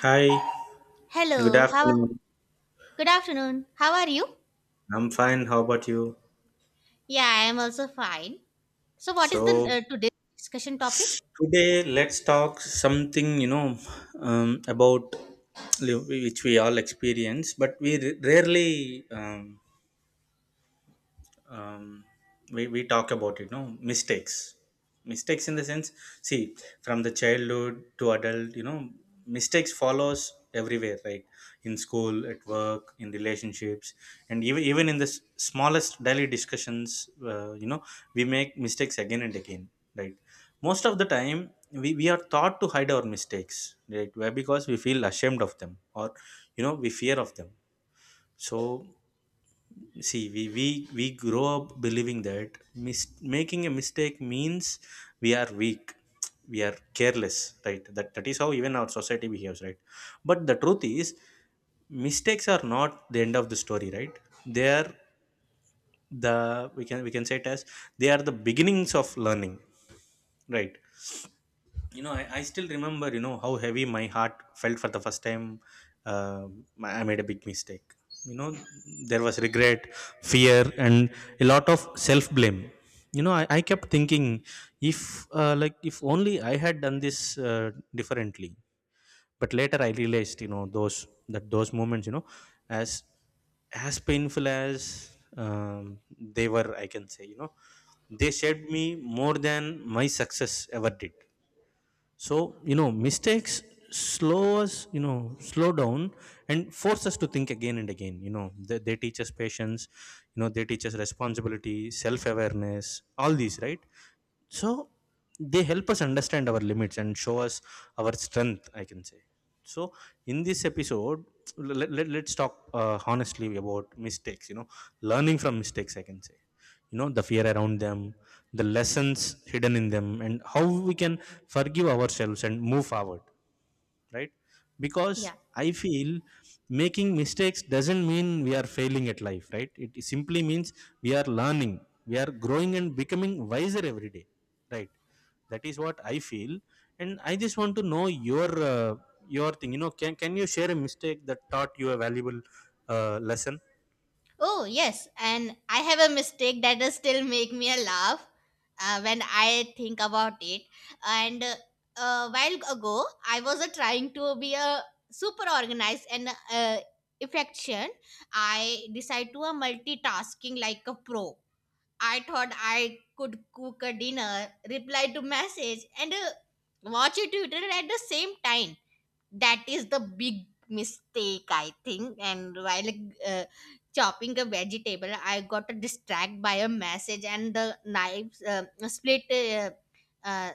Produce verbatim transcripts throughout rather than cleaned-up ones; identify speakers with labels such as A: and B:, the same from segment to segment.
A: Hi, good
B: Hello, how are,
A: afternoon.
B: good afternoon. How are you?
A: I'm fine. How about you?
B: Yeah, I am also fine. So what is the
A: So
B: uh, today's discussion topic?
A: today let's talk something you know um, about li- which we all experience, but we r- rarely um, um, we, we talk about it no mistakes. Mistakes in the sense see From the childhood to adult you know mistakes follows everywhere, right? In school, at work, in relationships, and even even in the s- smallest daily discussions uh, you know We make mistakes again and again, right? Most of the time we, we are taught to hide our mistakes, right? Why? Because we feel ashamed of them, or you know we fear of them. So, See, we, we, we grow up believing that mis- making a mistake means we are weak, we are careless, right? That, that is how even our society behaves, right? But the truth is, mistakes are not the end of the story, right? They are the we can we can say it as they are the beginnings of learning, right? you know I, I still remember you know how heavy my heart felt for the first time. uh, I made a big mistake you know there was regret, fear, and a lot of self blame. You know I, I kept thinking, if uh, like if only I had done this uh, differently. But later I realized, you know those, that those moments, you know as as painful as um, they were, I can say you know they shaped me more than my success ever did. So, you know, mistakes slow us, you know, slow down and force us to think again and again. You know, they, they teach us patience, you know, they teach us responsibility, self awareness, all these, right? So, they help us understand our limits and show us our strength, I can say. So, in this episode, let, let, let's talk uh, honestly about mistakes, you know, learning from mistakes, I can say you know the fear around them, the lessons hidden in them, and how we can forgive ourselves and move forward, right? Because
B: Yeah.
A: I feel making mistakes doesn't mean we are failing at life, right? It simply means we are learning, we are growing and becoming wiser every day, right? That is what I feel. And I just want to know your uh, your thing, you know can, can you share a mistake that taught you a valuable uh, lesson?
B: Oh, yes, and I have a mistake that does still make me a laugh uh, when I think about it. And uh, a while ago, I was uh, trying to be a super organized and uh, efficient. I decided to a multitasking like a pro. I thought I could cook a dinner, reply to message, and uh, watch a tutorial at the same time. That is the big mistake, I think. And while uh, chopping a vegetable, I got distracted by a message, and the knives uh, split uh, uh,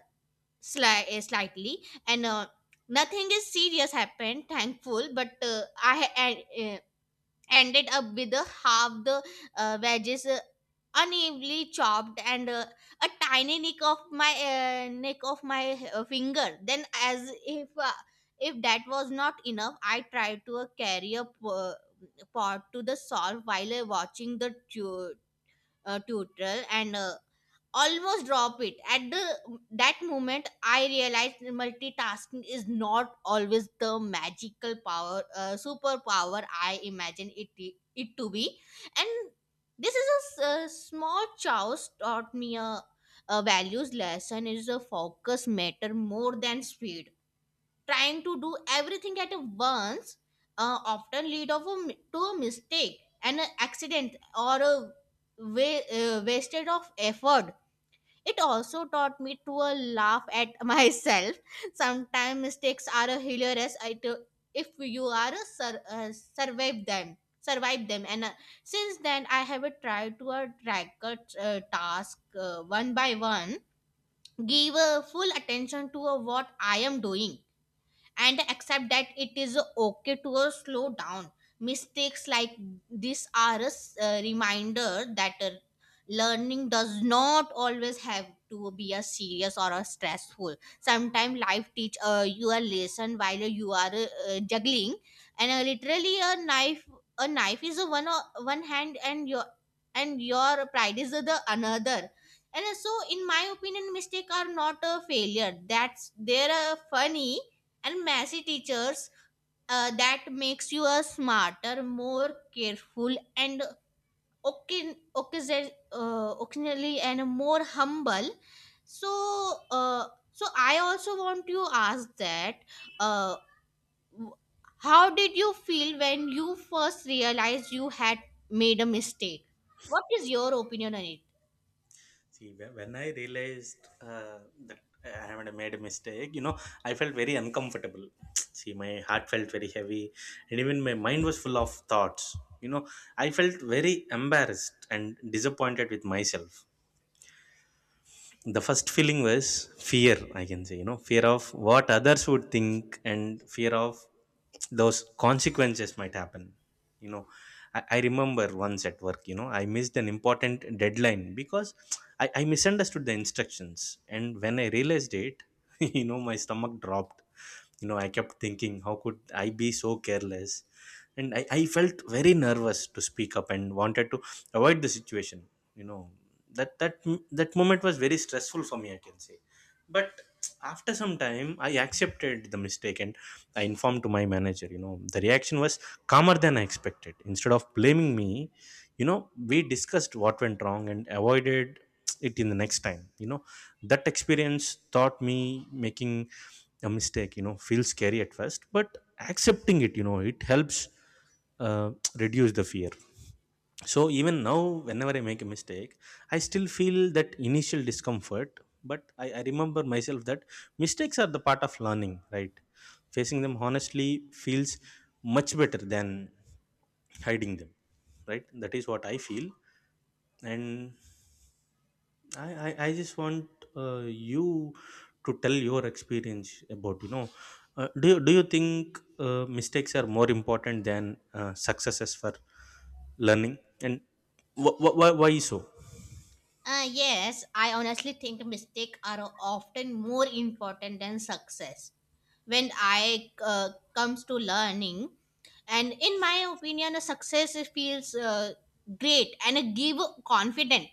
B: sli- uh, slightly, and. Uh, Nothing is serious happened, thankful, but uh, I ended up with uh, half the uh, wedges uh, unevenly chopped and uh, a tiny nick of my uh, nick of my uh, finger. Then as if uh, if that was not enough, I tried to uh, carry a po- uh, pot to the solve while uh, watching the tu- uh, tutorial and uh, almost drop it at the that moment I realized multitasking is not always the magical power uh, superpower I imagine it it to be. And this is a, s- a small choice taught me a, a values lesson is a focus matter more than speed. Trying to do everything at once uh, often lead of a, mi- to a mistake, an accident or a wa- uh, wasted of effort. It also taught me to uh, laugh at myself. Sometimes mistakes are uh, hilarious it, if you are uh, sur- uh, survive them, survive them. And uh, since then, I have uh, tried to uh, track a uh, task uh, one by one, give uh, full attention to uh, what I am doing and accept that it is okay to uh, slow down. Mistakes like this are a s- a reminder that uh, learning does not always have to be a serious or a stressful. Sometimes life teach uh, you a lesson while you are uh, uh, juggling, and uh, literally a knife. A knife is a one o- one hand, and your and your pride is the another. And uh, so, in my opinion, mistake are not a failure. That's they're uh, funny and messy teachers uh, that makes you a smarter more careful and occa- occasion, uh, occasionally and more humble. So uh, so I also want to ask that uh, w- how did you feel when you first realized you had made a mistake? What is your opinion on it?
A: See, whe- when I realized uh, that I had made a mistake, you know, I felt very uncomfortable. See, my heart felt very heavy, and even my mind was full of thoughts. You know, I felt very embarrassed and disappointed with myself. The first feeling was fear, I can say, you know fear of what others would think, and fear of those consequences might happen. You know i, I remember once at work, you know I missed an important deadline because I, I misunderstood the instructions, and when I realized it, you know, my stomach dropped. you know I kept thinking, how could I be so careless? And I, I felt very nervous to speak up and wanted to avoid the situation. you know that that that moment was very stressful for me, I can say. But after some time, I accepted the mistake and I informed to my manager. You know, the reaction was calmer than I expected. Instead of blaming me, you know we discussed what went wrong and avoided it in the next time. You know, that experience taught me, making a mistake, you know feels scary at first, but accepting it, you know it helps uh, reduce the fear. So even now, whenever I make a mistake, I still feel that initial discomfort, but I, I remember myself that mistakes are the part of learning, right? Facing them honestly feels much better than hiding them, right? That is what I feel. And I, I, I just want uh, you to tell your experience about, you know uh, do you, do you think uh, mistakes are more important than uh, successes for learning, and wh- wh- why why so?
B: Uh, yes, I honestly think mistakes are often more important than success when I uh, comes to learning. And in my opinion, a success feels uh, great and a give confident.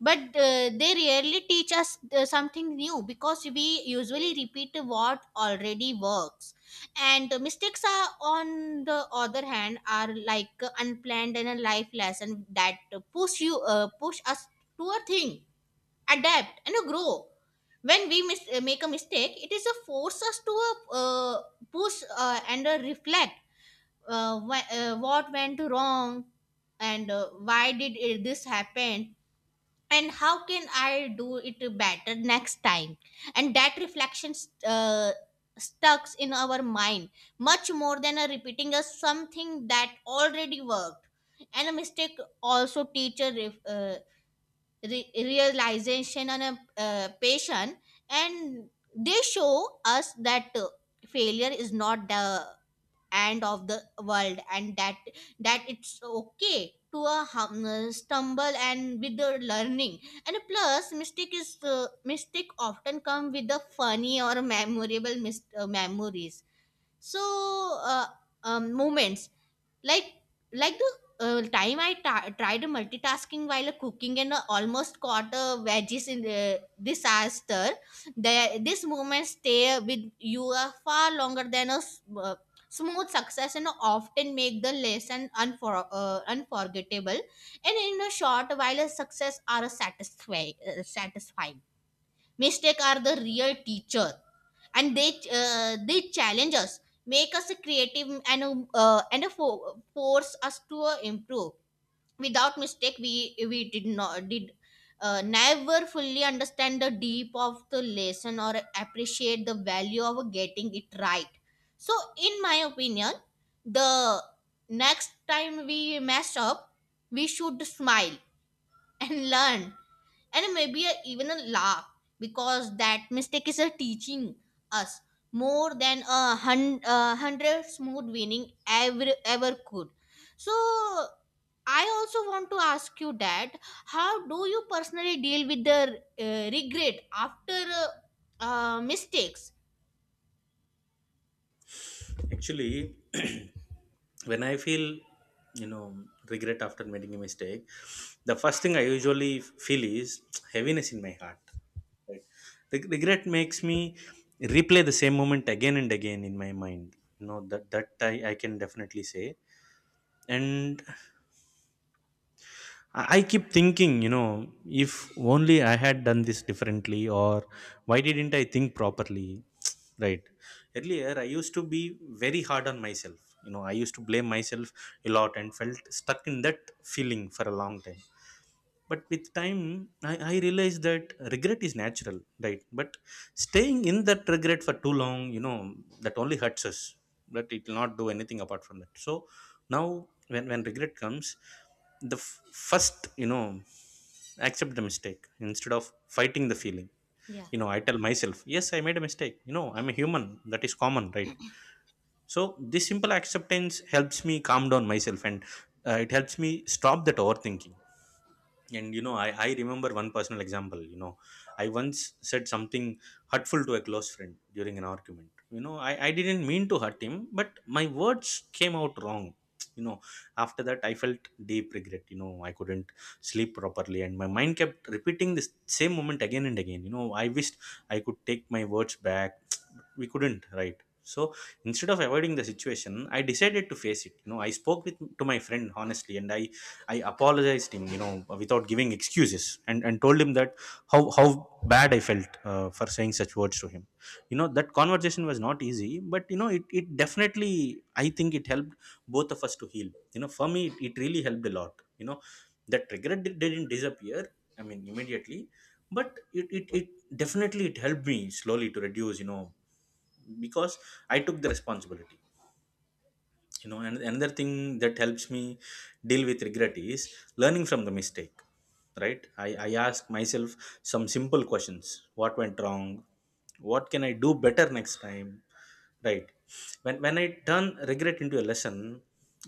B: But uh, they rarely teach us uh, something new because we usually repeat what already works. And the mistakes are, on the other hand, are like unplanned and a life lesson that push you uh, push us to a thing adapt and uh, grow. When we mis- uh, make a mistake, it is a force us to uh, uh, push uh, and uh, reflect uh, wh- uh, what went wrong, and uh, why did it, this happen, and how can I do it better next time. And that reflection uh, stucks in our mind much more than a repeating a something that already worked. And a mistake also teacher ref, uh, re- realization on a uh, patient. And they show us that uh, failure is not the end of the world, and that that it's okay to uh, hum, uh, stumble and with the learning. And plus mistake is uh, mistake often come with the funny or memorable mis- uh, memories. So uh, um, moments like like the uh, time I ta- tried multitasking while cooking and uh, almost caught uh, veggies in the disaster. The, this moment stay with you uh, far longer than a s- uh, smooth success and often make the lesson unfor- uh, unforgettable. And in a short while, a success are a satisfy- uh, satisfying. Mistake are the real teacher, and they uh, they challenge us, make us creative, and uh, and fo- force us to uh, improve. Without mistake we we did not did uh, never fully understand the deep of the lesson or appreciate the value of getting it right. So in my opinion, the next time we mess up, we should smile and learn and maybe a, even a laugh, because that mistake is a teaching us more than a hundred uh, hundred smooth winning ever ever could. So I also want to ask you that how do you personally deal with the uh, regret after uh, uh, mistakes.
A: Actually, when I feel, you know, regret after making a mistake, the first thing I usually feel is heaviness in my heart. Right? Reg- Regret makes me replay the same moment again and again in my mind. You know that that I, I can definitely say. And I I keep thinking, you know, if only I had done this differently, or why didn't I think properly? Right. Earlier, I used to be very hard on myself. You know, I used to blame myself a lot and felt stuck in that feeling for a long time. But with time, I, I realized that regret is natural, right? But staying in that regret for too long, you know that only hurts us. That it will not do anything apart from that. So now, when, when regret comes, the f- first, you know accept the mistake instead of fighting the feeling.
B: Yeah.
A: you know I tell myself, yes, I made a mistake, you know I'm a human, that is common, right? So this simple acceptance helps me calm down myself, and uh, it helps me stop that overthinking. And you know I, I remember one personal example. you know I once said something hurtful to a close friend during an argument. You know i, I didn't mean to hurt him, but my words came out wrong. you know After that, I felt deep regret. you know I couldn't sleep properly and my mind kept repeating this same moment again and again. you know I wished I could take my words back. But we couldn't, right? So instead of avoiding the situation, I decided to face it. you know I spoke with to my friend honestly, and i I apologized him, you know, without giving excuses, and and told him that how how bad I felt uh, for saying such words to him. You know, that conversation was not easy, but you know, it it definitely, I think it helped both of us to heal. You know, for me, it, it really helped a lot. You know, that regret di- didn't disappear, I mean, immediately, but it it it definitely it helped me slowly to reduce. You know, because I took the responsibility. You know and another thing that helps me deal with regret is learning from the mistake, right? I, I ask myself some simple questions. What went wrong? What can I do better next time? Right? when when I turn regret into a lesson,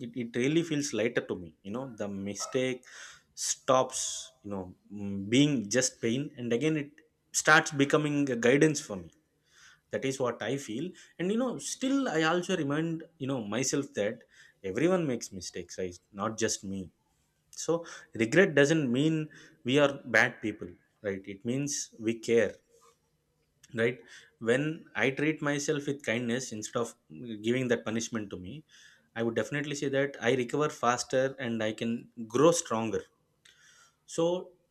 A: it, it really feels lighter to me. You know the mistake stops, you know mm, being just pain, and again it starts becoming a guidance for me. That is what I feel. And you know still, I also remind, you know myself that everyone makes mistakes, right? Not just me. So regret doesn't mean we are bad people, right? It means we care, right? When I treat myself with kindness instead of giving that punishment to me, I would definitely say that I recover faster and I can grow stronger. So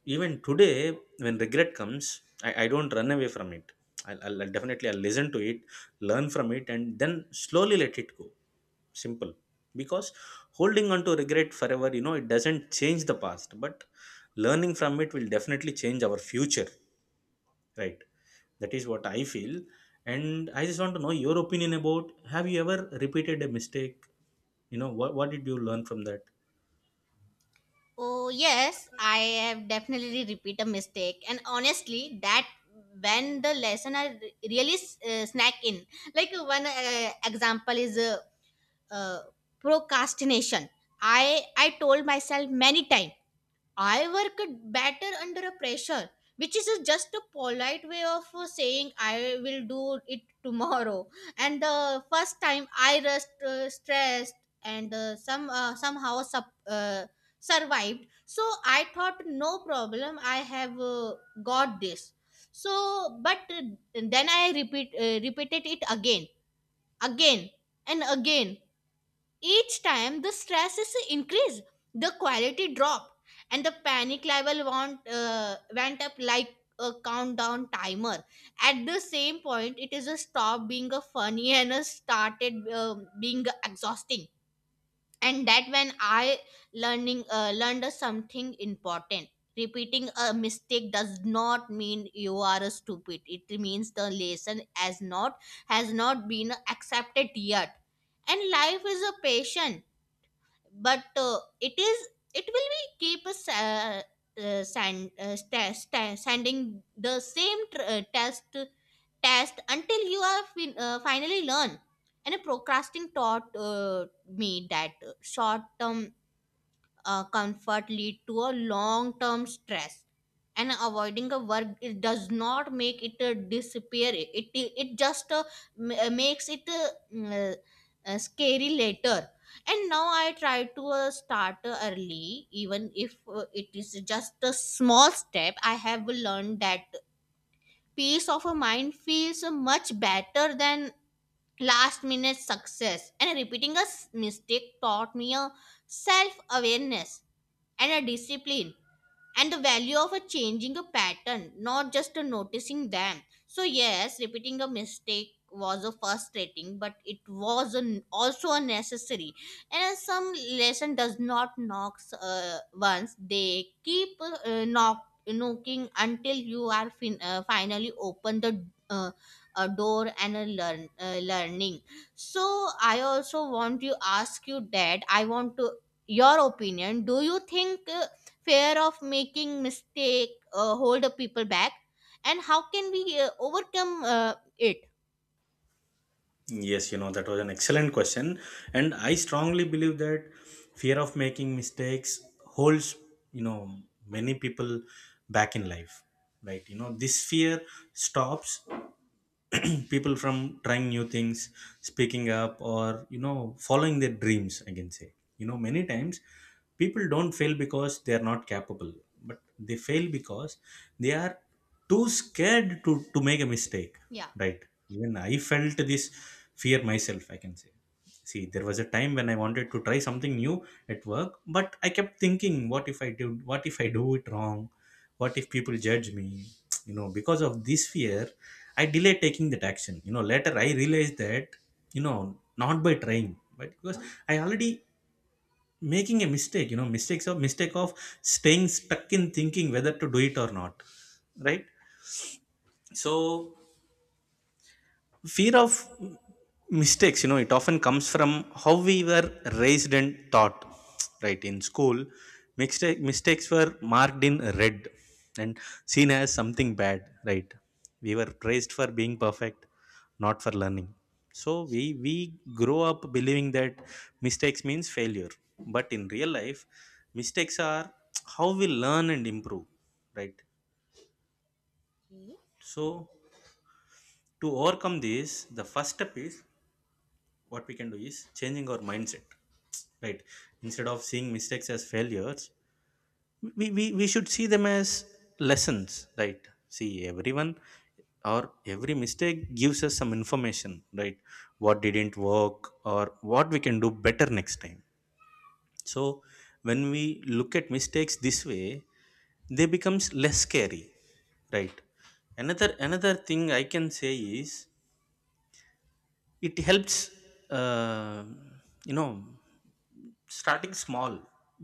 A: even today, when regret comes, I, I don't run away from it. I'll, I'll I'll definitely I'll listen to it, learn from it, and then slowly let it go. Simple. Because holding on to regret forever, you know, it doesn't change the past, but learning from it will definitely change our future, right? That is what I feel. And I just want to know your opinion about, have you ever repeated a mistake? You know, what, what did you learn from that?
B: Oh, yes, I have definitely repeat a mistake. And honestly, that when the lesson I re- really uh, snack in. Like uh, one uh, example is uh, uh, procrastination. I I told myself many times I work better under a pressure, which is a- just a polite way of uh, saying I will do it tomorrow. And the first time I rest uh, stressed and uh, some uh, somehow sup, uh, survived. So I thought no problem, I have uh, got this. So, but uh, then I repeat uh, repeated it again, again, and again. Each time the stress is increased, the quality drop, and the panic level want, uh, went up like a countdown timer. At the same point, it is a stop being a funny and a started um being exhausting. And that when I learning uh, learned something important. Repeating a mistake does not mean you are a stupid. It means the lesson has not has not been accepted yet. And life is a patient, but uh, it is it will be keep us uh, uh, stand, uh, sta sta standing the same tr- uh, test test until you are fin- uh, finally learn. And a procrasting taught uh, me that short term uh, comfort lead to a long term stress. And avoiding a work it does not make it uh, disappear. It it, it just uh, m- uh, makes it uh, mm, uh, uh, scary later. And now I try to uh, start uh, early, even if uh, it is just a small step. I have learned that peace of a mind feels much better than last minute success, and repeating a s- mistake taught me a self awareness and a discipline and the value of a changing a pattern, not just a noticing them. So yes, repeating a mistake was a frustrating, but it was an, also a necessary. And as some lesson does not knock uh, once, they keep uh, knock, knocking until you are fin- uh, finally open the uh, uh, door and uh, learn uh, learning. So I also want to ask you that I want to your opinion, do you think uh, fear of making mistake uh, hold the people back, and how can we uh, overcome uh, it?
A: Yes, you know, that was an excellent question. And I strongly believe that fear of making mistakes holds, you know, many people back in life, right? You know, this fear stops people from trying new things, speaking up, or, you know, following their dreams, I can say. You know, many times people don't fail because they are not capable, but they fail because they are too scared to to make a mistake.
B: Yeah.
A: Right, even I felt this fear myself, I can say. See, there was a time when I wanted to try something new at work, but I kept thinking, what if i do what if I do it wrong, what if people judge me? You know, because of this fear, I delayed taking that action. You know, later I realized that, you know, not by trying, but because I already making a mistake. You know, mistakes of mistake of staying stuck in thinking whether to do it or not, right? So, fear of mistakes, you know, it often comes from how we were raised and taught, right? In school, mistake, mistakes were marked in red and seen as something bad, right? We were praised for being perfect, not for learning. So we we grow up believing that mistakes means failure. But in real life, mistakes are how we learn and improve, right?
B: Okay.
A: So to overcome this, the first step is, what we can do is changing our mindset, right? Instead of seeing mistakes as failures, we, we, we should see them as lessons, right? See, everyone or every mistake gives us some information, right? What didn't work, or what we can do better next time. So when we look at mistakes this way, they becomes less scary, right? Another another thing I can say is it helps, uh, you know, starting small.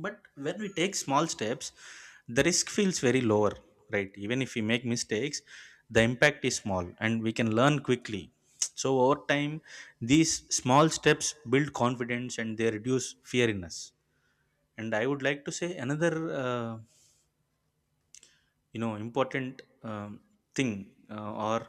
A: But when we take small steps, the risk feels very lower, right? Even if we make mistakes, the impact is small and we can learn quickly. So over time, these small steps build confidence and they reduce fear in us. And I would like to say another, uh, you know, important um, thing, uh, or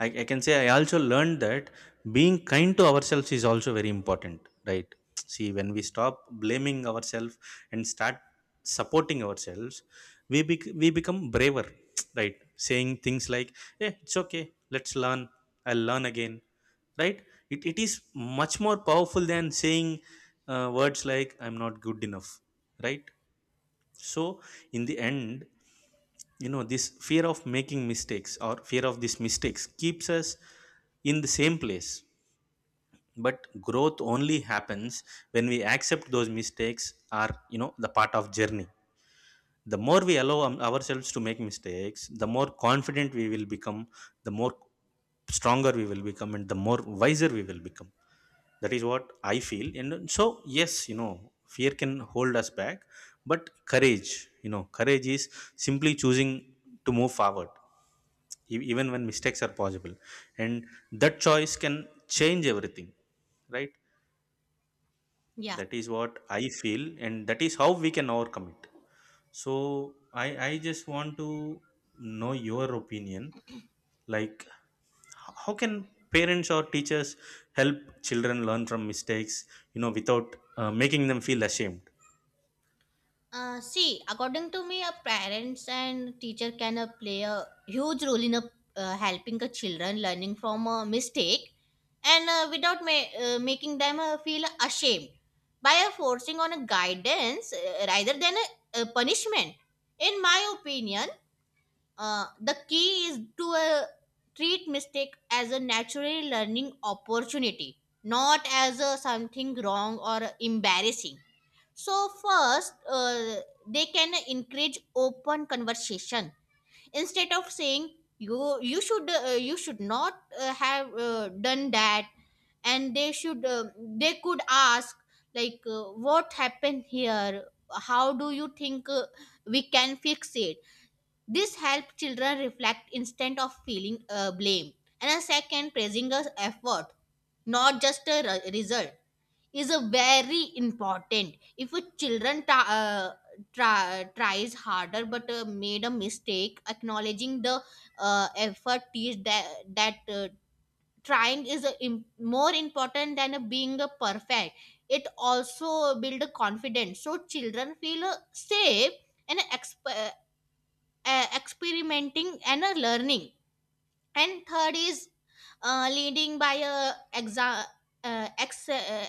A: I, I can say, I also learned that being kind to ourselves is also very important, right? See, when we stop blaming ourselves and start supporting ourselves, we bec- we become braver. Right, saying things like, yeah, it's okay, let's learn, I'll learn again, right? It, it is much more powerful than saying, uh, words like, I'm not good enough, right? So in the end, you know, this fear of making mistakes, or fear of these mistakes, keeps us in the same place. But growth only happens when we accept those mistakes are, you know, the part of journey. The more we allow um, ourselves to make mistakes, the more confident we will become, the more stronger we will become, and the more wiser we will become. That is what I feel. And so, yes, you know, fear can hold us back, but courage, you know, courage is simply choosing to move forward, e- even when mistakes are possible, and that choice can change everything, right?
B: Yeah.
A: That is what I feel, and that is how we can overcome it. So i i just want to know your opinion, like, h- how can parents or teachers help children learn from mistakes, you know, without uh, making them feel ashamed?
B: Uh, see, according to me, uh, parents and teacher can uh, play a huge role in uh, uh, helping the children learning from a mistake, and uh, without ma- uh, making them uh, feel ashamed, by uh, forcing on a guidance uh, rather than a, a punishment, in my opinion. Uh, the key is to uh, treat mistake as a natural learning opportunity, not as a something wrong or embarrassing. So first, uh, they can encourage open conversation, instead of saying you you should uh, you should not uh, have uh, done that. And they should uh, they could ask, like, uh, what happened here? How do you think uh, we can fix it? This helps children reflect instead of feeling uh, blame. And a second, praising a effort, not just a re- result, is a very important. If a children tra- uh, tra- tries harder but uh, made a mistake, acknowledging the uh, effort is that that uh, trying is a im- more important than a being a perfect. It also build a confidence, so children feel uh, safe and exp- uh, experimenting and uh, learning. And third is uh, leading by a exa- uh, ex- uh,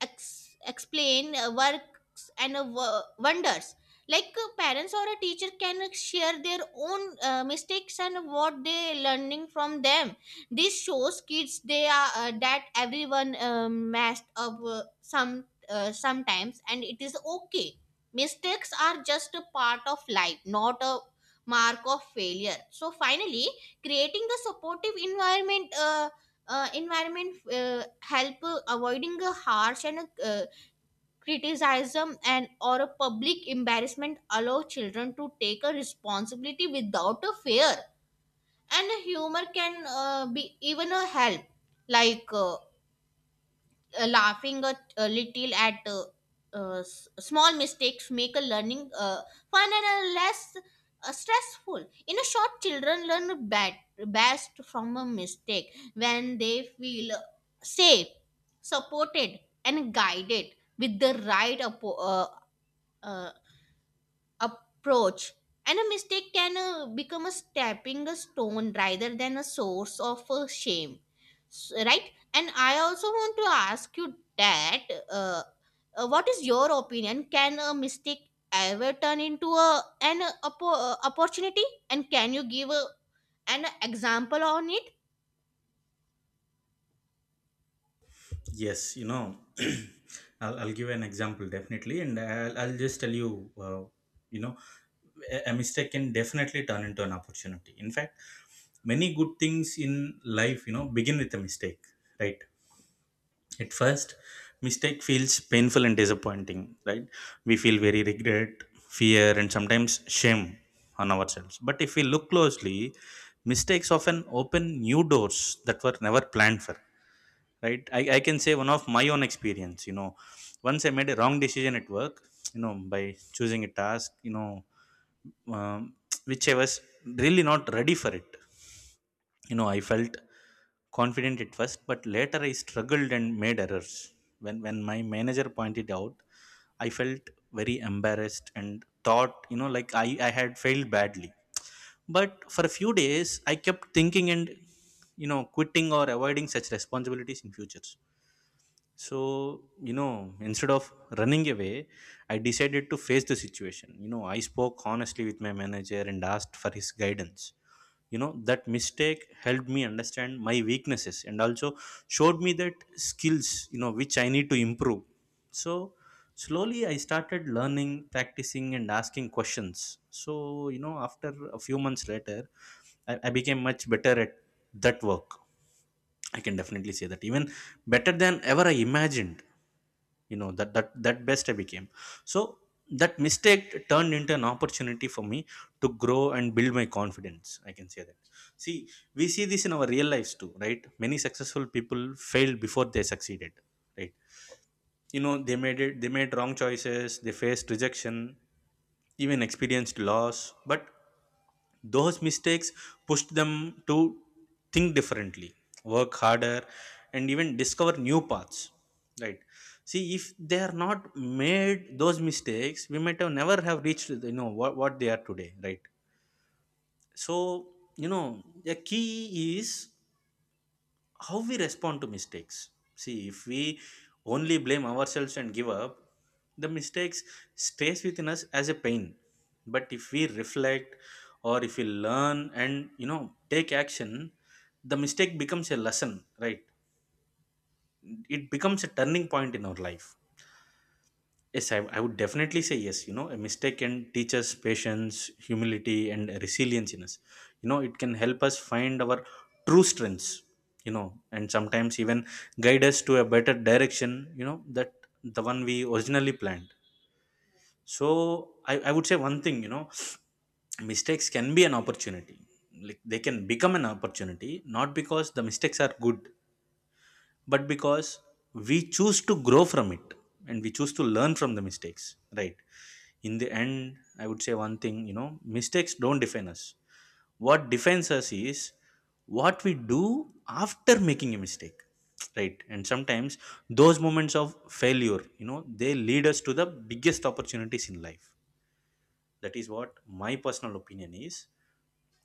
B: ex- explain uh, works and uh, wo- wonders. Like uh, parents or a teacher can share their own uh, mistakes and what they learning from them. This shows kids they are uh, that everyone uh, messed up uh, some uh, sometimes, and it is okay. Mistakes are just a part of life, not a mark of failure. So finally, creating the supportive environment uh, uh, environment uh, help uh, avoiding a harsh and uh, criticism and or a public embarrassment allow children to take a responsibility without a fear. And humor can uh, be even a help, like uh, uh, laughing a, a little at uh, uh, s- small mistakes make a learning uh, fun and uh, less uh, stressful. In a short, children learn bad, best from a mistake when they feel safe, supported, and guided with the right appo- uh, uh, approach. And a mistake can uh, become a stepping stone rather than a source of uh, shame. S- right, and I also want to ask you that, uh, uh, what is your opinion, can a mistake ever turn into a an uh, oppo- uh, opportunity, and can you give a, an example on it?
A: Yes, you know, I'll, I'll give an example definitely, and I'll, I'll just tell you, uh, you know, a, a mistake can definitely turn into an opportunity. In fact, many good things in life, you know, begin with a mistake, right? At first, mistake feels painful and disappointing, right? We feel very regret, fear, and sometimes shame on ourselves. But if we look closely, mistakes often open new doors that were never planned for, right? I, I can say, one of my own experience, you know, once I made a wrong decision at work, you know, by choosing a task, you know, um, which I was really not ready for it. You know, I felt confident at first, but later I struggled and made errors. When when my manager pointed out, I felt very embarrassed and thought, you know, like i i had failed badly. But for a few days I kept thinking and, you know, quitting or avoiding such responsibilities in future. So, you know, instead of running away, I decided to face the situation. You know, I spoke honestly with my manager and asked for his guidance. You know, that mistake helped me understand my weaknesses and also showed me that skills, you know, which I need to improve. So slowly I started learning, practicing, and asking questions. So, you know, after a few months later, I, I became much better at that work. I can definitely say that, even better than ever I imagined. You know, that that that best I became. So that mistake turned into an opportunity for me to grow and build my confidence, I can say that. See, we see this in our real lives too, right? Many successful people failed before they succeeded, right? You know, they made it they made wrong choices, they faced rejection, even experienced loss. But those mistakes pushed them to think differently, work harder, and even discover new paths, right? See, if they are not made those mistakes, we might have never have reached, you know, what, what they are today, right? So, you know, the key is how we respond to mistakes. See, if we only blame ourselves and give up, the mistakes stays within us as a pain. But if we reflect, or if we learn and, you know, take action, the mistake becomes a lesson, right? It becomes a turning point in our life. Yes, I, I would definitely say yes. You know, a mistake can teach us patience, humility, and resilience in us. You know, it can help us find our true strengths, you know, and sometimes even guide us to a better direction, you know, that the one we originally planned. So, I, I would say one thing, you know, mistakes can be an opportunity. Like, they can become an opportunity, not because the mistakes are good, but because we choose to grow from it, and we choose to learn from the mistakes, right? In the end, I would say one thing, you know, mistakes don't define us. What defines us is what we do after making a mistake, right? And sometimes those moments of failure, you know, they lead us to the biggest opportunities in life. That is what my personal opinion is.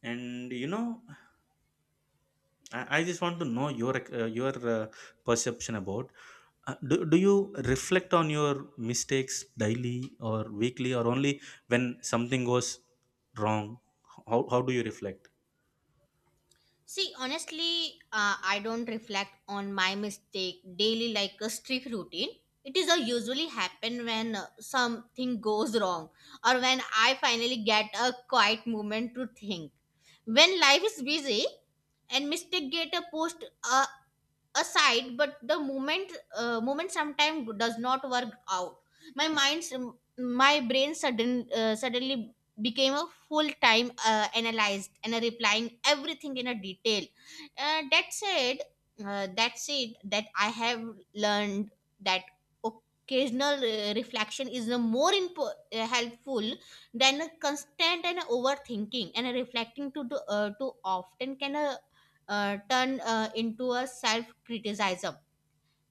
A: And you know, I, I just want to know your uh, your uh, perception about. Uh, do, do you reflect on your mistakes daily or weekly, or only when something goes wrong? How, how do you reflect?
B: See, honestly, uh, I don't reflect on my mistake daily like a strict routine. It is a usually happen when uh, something goes wrong, or when I finally get a quiet moment to think. When life is busy and mistake get a post uh, aside, but the moment uh, moment sometimes does not work out. my mind's my brain sudden uh, suddenly became a full time uh, analyzed and a replying everything in a detail. Uh, that said uh, that said that I have learned that occasional uh, reflection is a more impo- uh, helpful than a constant and overthinking. And a reflecting to do, uh, too often can uh, uh, turn uh, into a self criticism.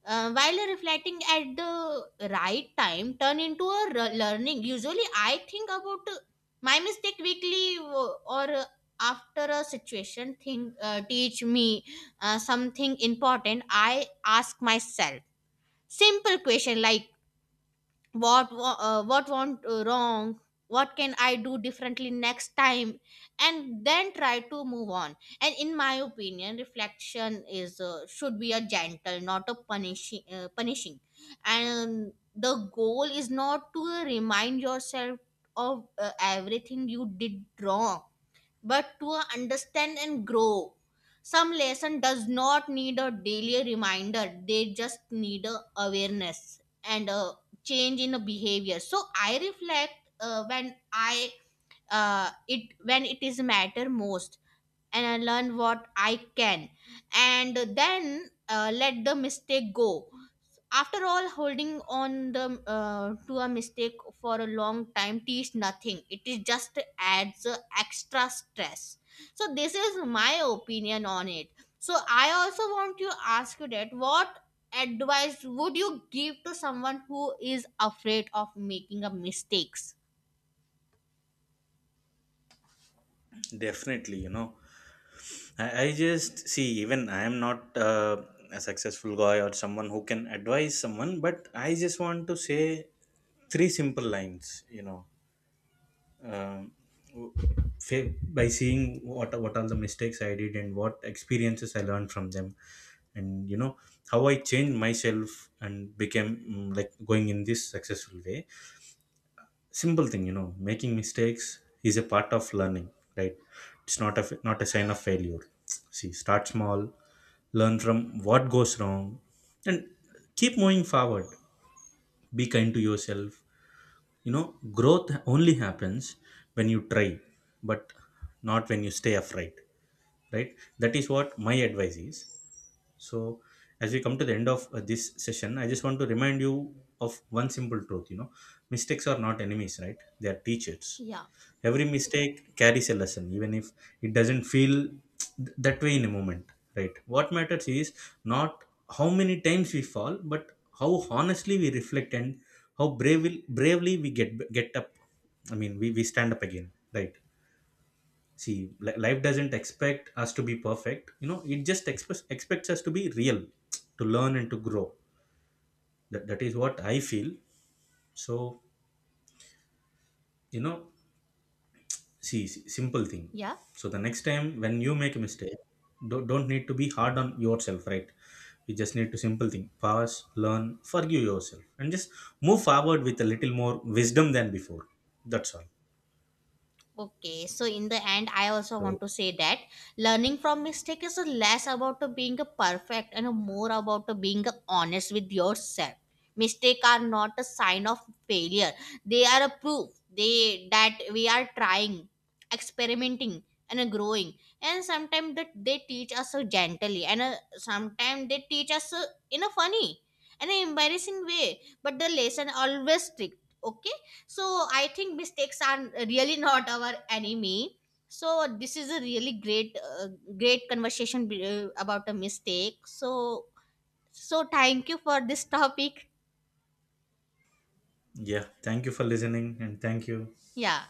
B: Uh, while reflecting at the right time, turn into a re- learning. Usually, I think about uh, my mistake weekly, uh, or uh, after a situation thing uh, teach me uh, something important. I ask myself simple question like, what wa- uh, what went uh, wrong, what can I do differently next time, and then try to move on. And in my opinion, reflection is uh, should be a gentle, not a punishing uh, punishing. And the goal is not to remind yourself of uh, everything you did wrong, but to understand and grow. Some lesson does not need a daily reminder, they just need a awareness and a change in a behavior. So I reflect uh, when I uh, it when it is matter most, and I learn what I can, and then uh, let the mistake go. After all, holding on the uh, to a mistake for a long time teach nothing. It is just adds uh, extra stress. So this is my opinion on it. So I also want to ask you that what advice would you give to someone who is afraid of making a mistakes?
A: Definitely, you know. I, I just see, even I am not uh, a successful guy or someone who can advise someone, but I just want to say three simple lines, you know, um, fa- by seeing what what all the mistakes I did and what experiences I learned from them, and you know, how I changed myself and became, mm, like, going in this successful way. Simple thing, you know, making mistakes is a part of learning, right? It's not a f- not a sign of failure. See, start small, learn from what goes wrong, and keep moving forward. Be kind to yourself, you know, growth only happens when you try, but not when you stay afraid, right? That is what my advice is. So, as we come to the end of uh, this session, I just want to remind you of one simple truth, you know, mistakes are not enemies, right? They are teachers.
B: Yeah.
A: Every mistake carries a lesson, even if it doesn't feel th- that way in a moment, right? What matters is not how many times we fall, but how honestly we reflect and how bravely bravely we get get up. I mean, we, we stand up again, right? See, li- life doesn't expect us to be perfect. You know, it just expects expects us to be real, to learn and to grow. That, that is what I feel. So, you know, see, s- simple thing.
B: Yeah.
A: So the next time when you make a mistake, don't, don't need to be hard on yourself, right? You just need to simple thing. Pause, learn, forgive yourself, and just move forward with a little more wisdom than before. That's all.
B: Okay, so in the end, I also
A: So
B: want to say that learning from mistake is less about the being a perfect and more about the being honest with yourself. Mistake are not a sign of failure; they are a proof they that we are trying, experimenting, and growing. And sometimes that they teach us so gently, and uh, sometimes they teach us uh, in a funny and embarrassing way. But the lesson always stick. Okay, so I think mistakes are really not our enemy. So this is a really great, uh, great conversation be- uh, about a mistake. So, so thank you for this topic.
A: yeah, thank you for listening, and thank you.
B: Yeah.